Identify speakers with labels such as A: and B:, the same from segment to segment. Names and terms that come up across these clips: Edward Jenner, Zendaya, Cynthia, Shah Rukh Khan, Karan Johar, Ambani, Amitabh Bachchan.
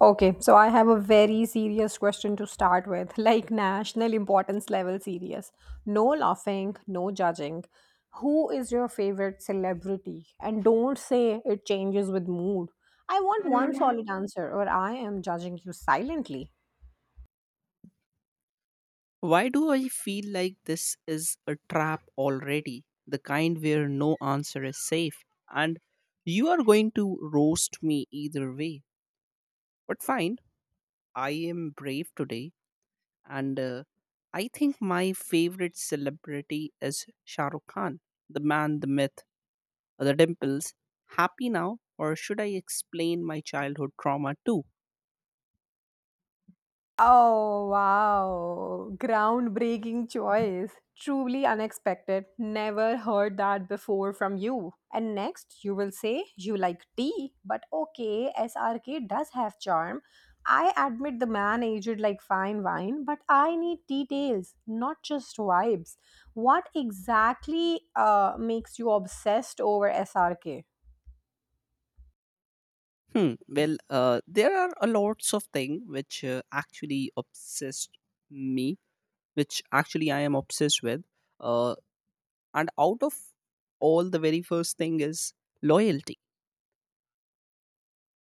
A: Okay, so I have a very serious question to start with, like national importance level serious. No laughing, no judging. Who is your favorite celebrity? And don't say it changes with mood. I want one solid answer, or I am judging you silently.
B: Why do I feel like this is a trap already? The kind where no answer is safe. And you are going to roast me either way. But fine, I am brave today. And I think my favorite celebrity is Shah Rukh Khan, the man, the myth, the dimples. Happy now, or should I explain my childhood trauma too?
A: Oh, wow. Groundbreaking choice. Truly unexpected. Never heard that before from you. And next, you will say you like tea, but okay, SRK does have charm. I admit the man aged like fine wine, but I need details, not just vibes. What exactly makes you obsessed over SRK?
B: Hmm. Well, there are a lots of things which actually obsessed me which actually I am obsessed with. Uh, and out of all, the very first thing is loyalty.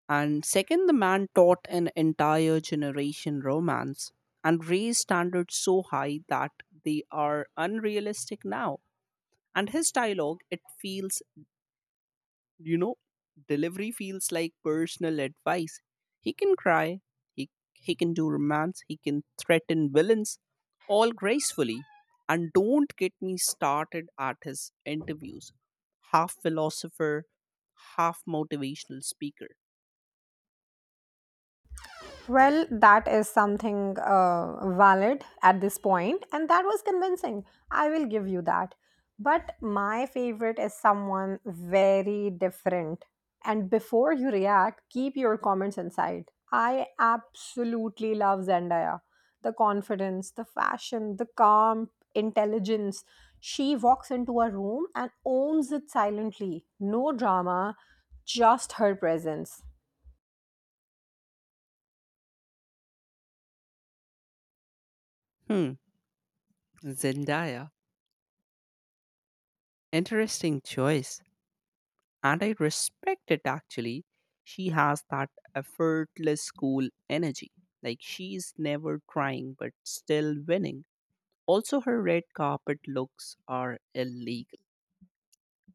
B: And second, the man taught an entire generation romance and raised standards so high that they are unrealistic now. And his dialogue, it feels You know, delivery feels like personal advice. He can cry, he can do romance, he can threaten villains, all gracefully. And don't get me started at his interviews. Half philosopher, half motivational speaker.
A: Well, that is something valid at this point, and that was convincing. I will give you that. But my favorite is someone very different. And before you react, keep your comments inside. I absolutely love Zendaya. The confidence, the fashion, the calm intelligence. She walks into a room and owns it silently. No drama, just her presence.
B: Hmm, Zendaya. Interesting choice. And I respect it actually. She has that effortless cool energy. Like she's never crying but still winning. Also, her red carpet looks are illegal,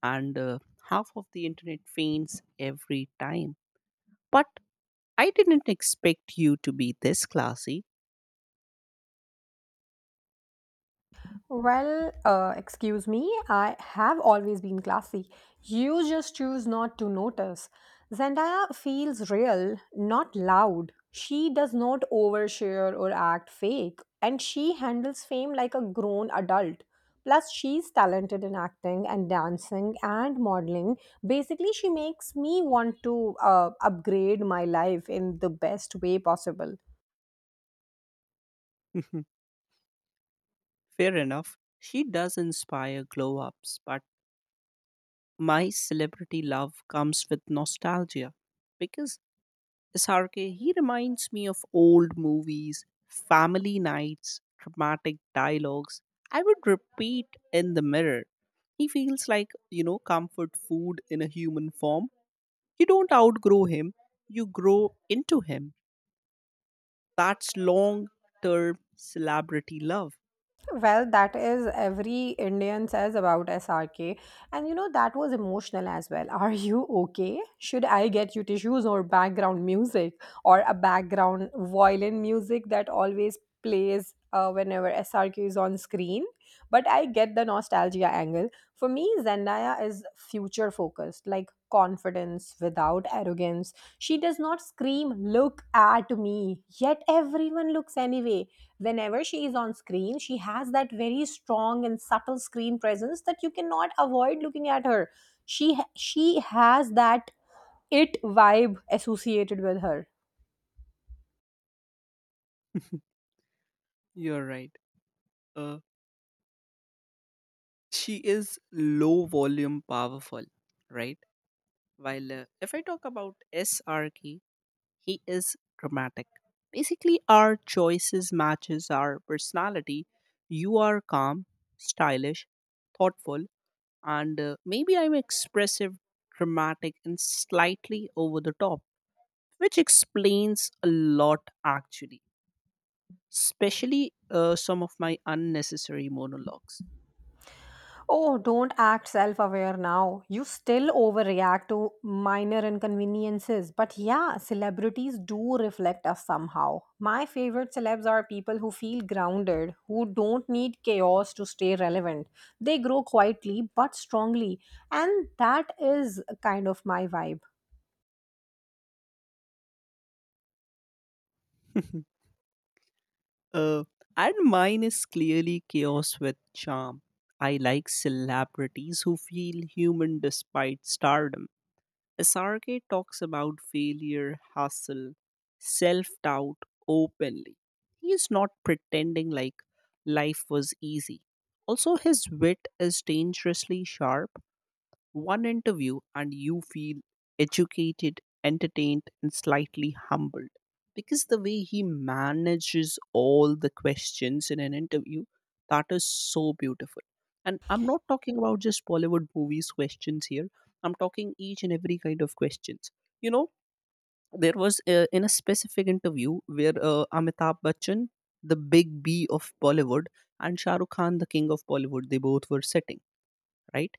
B: and half of the internet faints every time. But I didn't expect you to be this classy.
A: Well, excuse me, I have always been classy. You just choose not to notice. Zendaya feels real, not loud. She does not overshare or act fake, and she handles fame like a grown adult. Plus, she's talented in acting and dancing and modeling. Basically, she makes me want to upgrade my life in the best way possible.
B: Fair enough. She does inspire glow ups, but my celebrity love comes with nostalgia because SRK, he reminds me of old movies, family nights, dramatic dialogues. I would repeat in the mirror. He feels like, you know, comfort food in a human form. You don't outgrow him, you grow into him. That's long term celebrity love.
A: Well, that is every Indian says about SRK. And you know, that was emotional as well. Are you okay? Should I get you tissues or background music or a background violin music that always plays whenever SRK is on screen? But I get the nostalgia angle. For me, Zendaya is future focused, like confidence without arrogance. She does not scream, "Look at me," yet everyone looks anyway. Whenever she is on screen, she has that very strong and subtle screen presence that you cannot avoid looking at her. She has that it vibe associated with her.
B: You're right. Uh, she is low volume powerful, right? While if I talk about SRK, he is dramatic. Basically, our choices matches our personality. You are calm, stylish, thoughtful, and maybe I'm expressive, dramatic, and slightly over the top, which explains a lot actually. Especially some of my unnecessary monologues.
A: Oh, don't act self aware now. You still overreact to minor inconveniences. But yeah, celebrities do reflect us somehow. My favorite celebs are people who feel grounded, who don't need chaos to stay relevant. They grow quietly but strongly. And that is kind of my vibe.
B: uh, and mine is clearly chaos with charm. I like celebrities who feel human despite stardom. Sarge talks about failure, hustle, self doubt openly. He is not pretending like life was easy. Also, his wit is dangerously sharp. One interview and you feel educated, entertained, and slightly humbled. Because the way he manages all the questions in an interview, that is so beautiful. And I'm not talking about just Bollywood movies questions here. I'm talking each and every kind of questions. You know, there was in a specific interview where Amitabh Bachchan, the big B of Bollywood, and Shah Rukh Khan, the king of Bollywood, they both were sitting, right?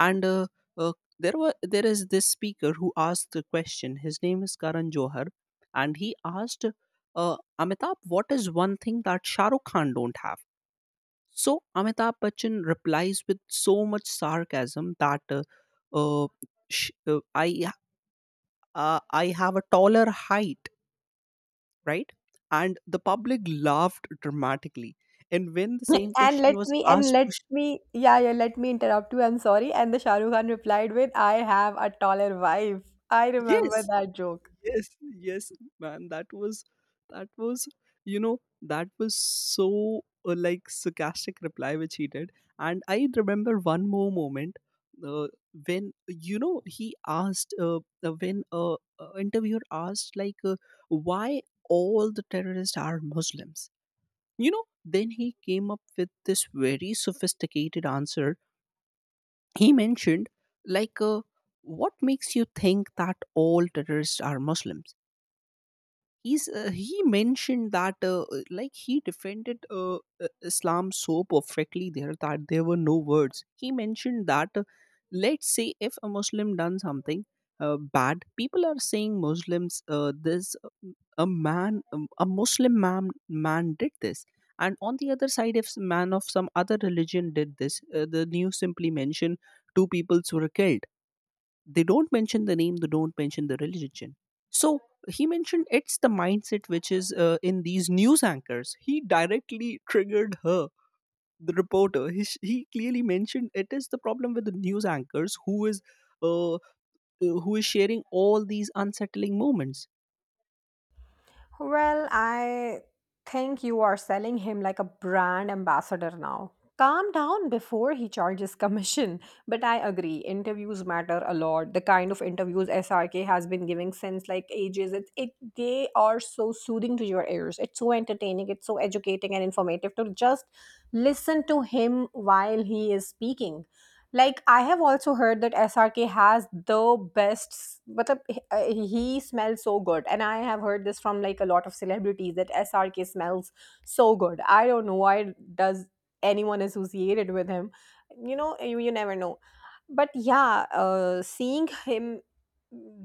B: And uh, there is this speaker who asked the question. His name is Karan Johar, and he asked, uh, Amitabh, what is one thing that Shah Rukh Khan don't have? So Amitabh Bachchan replies with so much sarcasm that, uh, sh- uh, i I have a taller height, right? And the public laughed dramatically. And when the same
A: And
B: question
A: let
B: was
A: me and
B: asked
A: let
B: to
A: me yeah yeah let me interrupt you. I'm sorry. And the Shahrukh Khan replied with, "I have a taller wife." I
B: yes,
A: remember that joke.
B: yes, yes, man, that was that was you know, that was so like sarcastic reply which he did. And I remember one more moment, uh, when you know he asked, when interviewer asked like, why all the terrorists are muslims, you know? Then he came up with this very sophisticated answer. He mentioned, like, what makes you think that all terrorists are muslims? He mentioned that, like he defended, islam so perfectly there that there were no words. He mentioned that, let's say if a muslim done something bad, people are saying muslims this a man, a muslim man did this. And on the other side, if some man of some other religion did this, the news simply mention two peoples were killed. They don't mention the name, they don't mention the religion. So he mentioned it's the mindset which is in these news anchors. He directly triggered her, the reporter. He clearly mentioned it is the problem with the news anchors uh, uh, who is sharing all these unsettling moments.
A: Well, I think you are selling him like a brand ambassador now. Calm down before he charges commission. But I agree, interviews matter a lot. The kind of interviews SRK has been giving since like ages. It they are so soothing to your ears. It's so entertaining, it's so educating and informative to just listen to him while he is speaking. Like I have also heard that SRK has the best, मतलब, he smells so good, and I have heard this from like a lot of celebrities that SRK smells so good. I don't know why does anyone associated with him. You know, you never know. But yeah, seeing him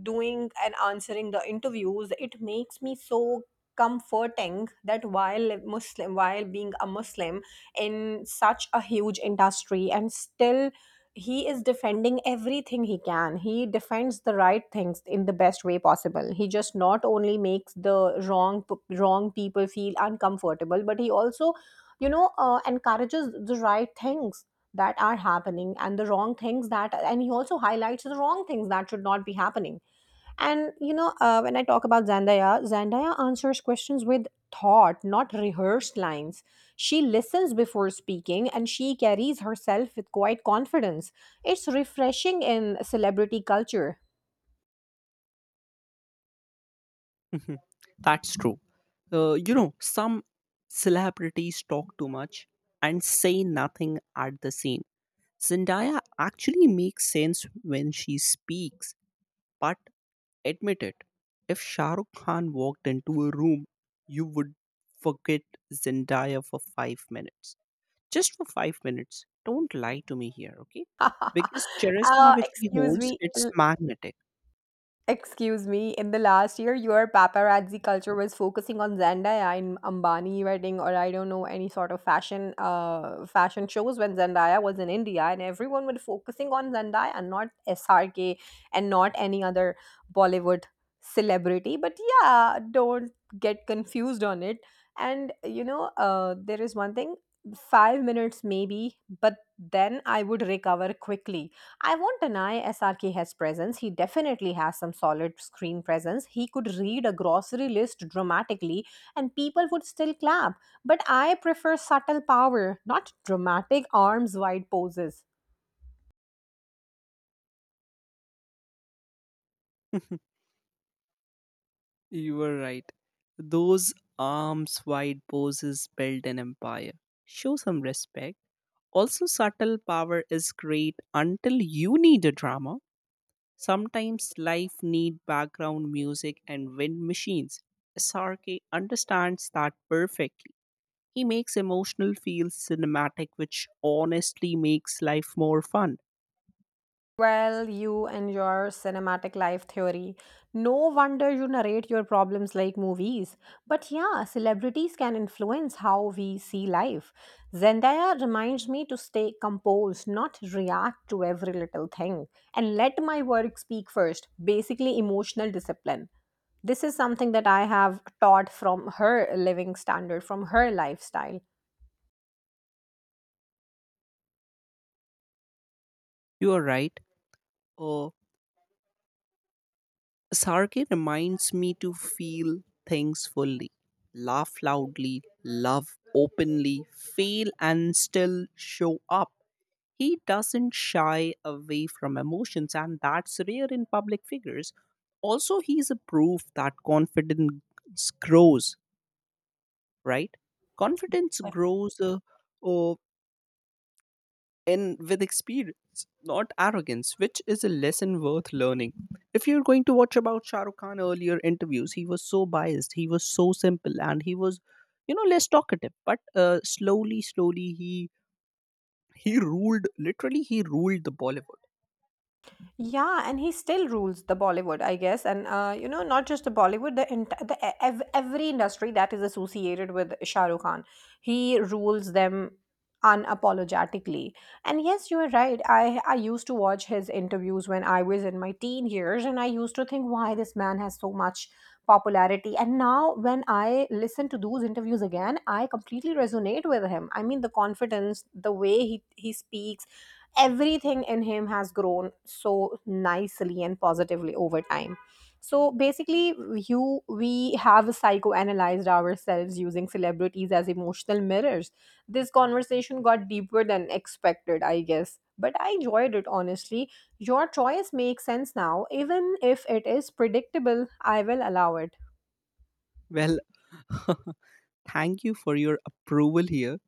A: doing and answering the interviews, it makes me so comforting that while Muslim, while being a Muslim in such a huge industry and still he is defending everything he can. He defends the right things in the best way possible. He just not only makes the wrong people feel uncomfortable, but he also, you know, encourages the right things that are happening, and the wrong things that and he also highlights the wrong things that should not be happening. And you know, when I talk about Zendaya, Zendaya answers questions with thought, not rehearsed lines. She listens before speaking, and she carries herself with quite confidence. It's refreshing in celebrity culture.
B: Mhm. That's true. You know, some celebrities talk too much and say nothing at the same. Zendaya actually makes sense when she speaks. But admit it. If Shah Rukh Khan walked into a room, you would forget Zendaya for 5 minutes. Just for 5 minutes. Don't lie to me here, okay? Because charisma which he
A: Excuse
B: holds,
A: me.
B: it's magnetic.
A: Excuse me, in the last year, your paparazzi culture was focusing on Zendaya in Ambani wedding, or I don't know, any sort of fashion, fashion shows when Zendaya was in India, and everyone was focusing on Zendaya, not SRK, and not any other Bollywood celebrity. But yeah, don't get confused on it. And you know, there is one thing: 5 minutes maybe, but then I would recover quickly. I won't deny SRK has presence. He definitely has some solid screen presence. He could read a grocery list dramatically and people would still clap. But I prefer subtle power, not dramatic arms wide poses.
B: You were right. Those arms wide poses build an empire. Show some respect. Also, subtle power is great until you need a drama. Sometimes life need background music and wind machines. SRK understands that perfectly. He makes emotional feel cinematic, which honestly makes life more fun.
A: Well, you and your cinematic life theory. No wonder you narrate your problems like movies. But yeah, celebrities can influence how we see life. Zendaya reminds me to stay composed, not react to every little thing, and let my work speak first. Basically, emotional discipline. This is something that I have taught from her living standard, from her lifestyle.
B: You are right. Uh, Sarge reminds me to feel things fully, laugh loudly, love openly, fail and still show up. He doesn't shy away from emotions, and that's rare in public figures. Also, he's a proof that confidence grows, right? Confidence grows uh, and with experience, not arrogance, which is a lesson worth learning. If you're going to watch about Shah Rukh Khan earlier interviews, he was so biased, he was so simple, and he was, you know, less talkative. But slowly, slowly, he ruled. Literally, he ruled the Bollywood.
A: Yeah, and he still rules the Bollywood, I guess, and you know, not just the Bollywood, the ent- the e- ev- every industry that is associated with Shah Rukh Khan, he rules them unapologetically. And yes, you are right. I used to watch his interviews when I was in my teen years, and I used to think why this man has so much popularity. And now, when I listen to those interviews again, I completely resonate with him. I mean, the confidence, the way he speaks, everything in him has grown so nicely and positively over time. So basically, you we have psychoanalyzed ourselves using celebrities as emotional mirrors. This conversation got deeper than expected, I guess, but I enjoyed it honestly. Your choice makes sense now, even if it is predictable. I will allow it.
B: Well, thank you for your approval here.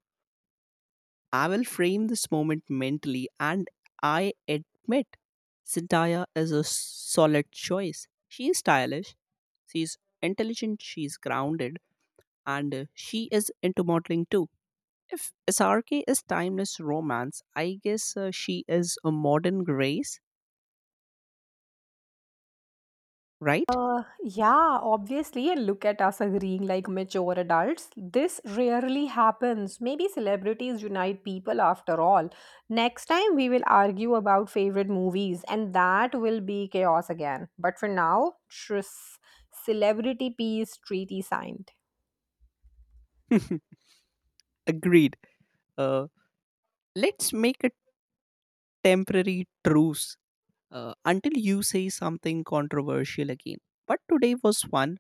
B: I will frame this moment mentally, and I admit Cynthia is a solid choice. She is stylish, she's intelligent, she's grounded, and she is into modeling too. If SRK is timeless romance, I guess she is a modern grace, right?
A: Yeah, obviously, and look at us agreeing like mature adults. This rarely happens. Maybe celebrities unite people after all. Next time, we will argue about favorite movies, and that will be chaos again. But for now, tris celebrity peace treaty signed.
B: Agreed. Uh, let's make a temporary truce until you say something controversial again. But today was fun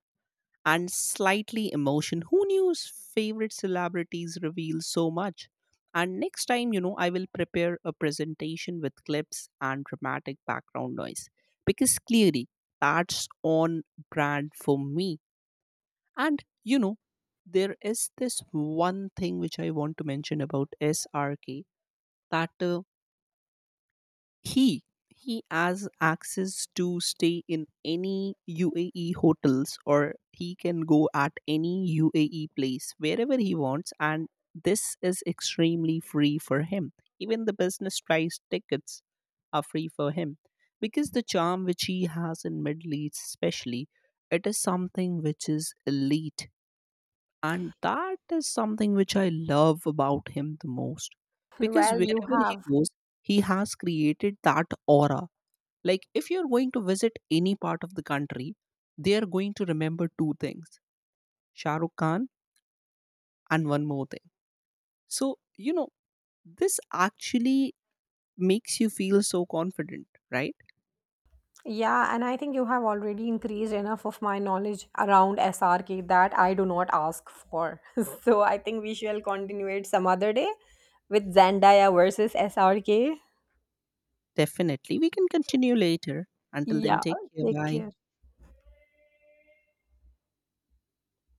B: and slightly emotion. Who knew's favorite celebrities reveal so much? And next time, you know, I will prepare a presentation with clips and dramatic background noise because clearly that's on brand for me. And you know, there is this one thing which I want to mention about SRK, that he has access to stay in any UAE hotels, or he can go at any UAE place wherever he wants, and this is extremely free for him. Even the business price tickets are free for him, because the charm which he has in middle east especially, it is something which is elite, and that is something which I love about him the most. Because
A: Well, you
B: wherever he
A: have.
B: goes, he has created that aura. Like, if you're going to visit any part of the country, they are going to remember two things: Shah Rukh Khan and one more thing. So, you know, this actually makes you feel so confident, right?
A: Yeah, and I think you have already increased enough of my knowledge around SRK that I do not ask for. So I think we shall continue it some other day with Zendaya versus SRK.
B: Definitely. We can continue later. Until then,
A: Yeah,
B: take care.
A: take
B: Bye.
A: care.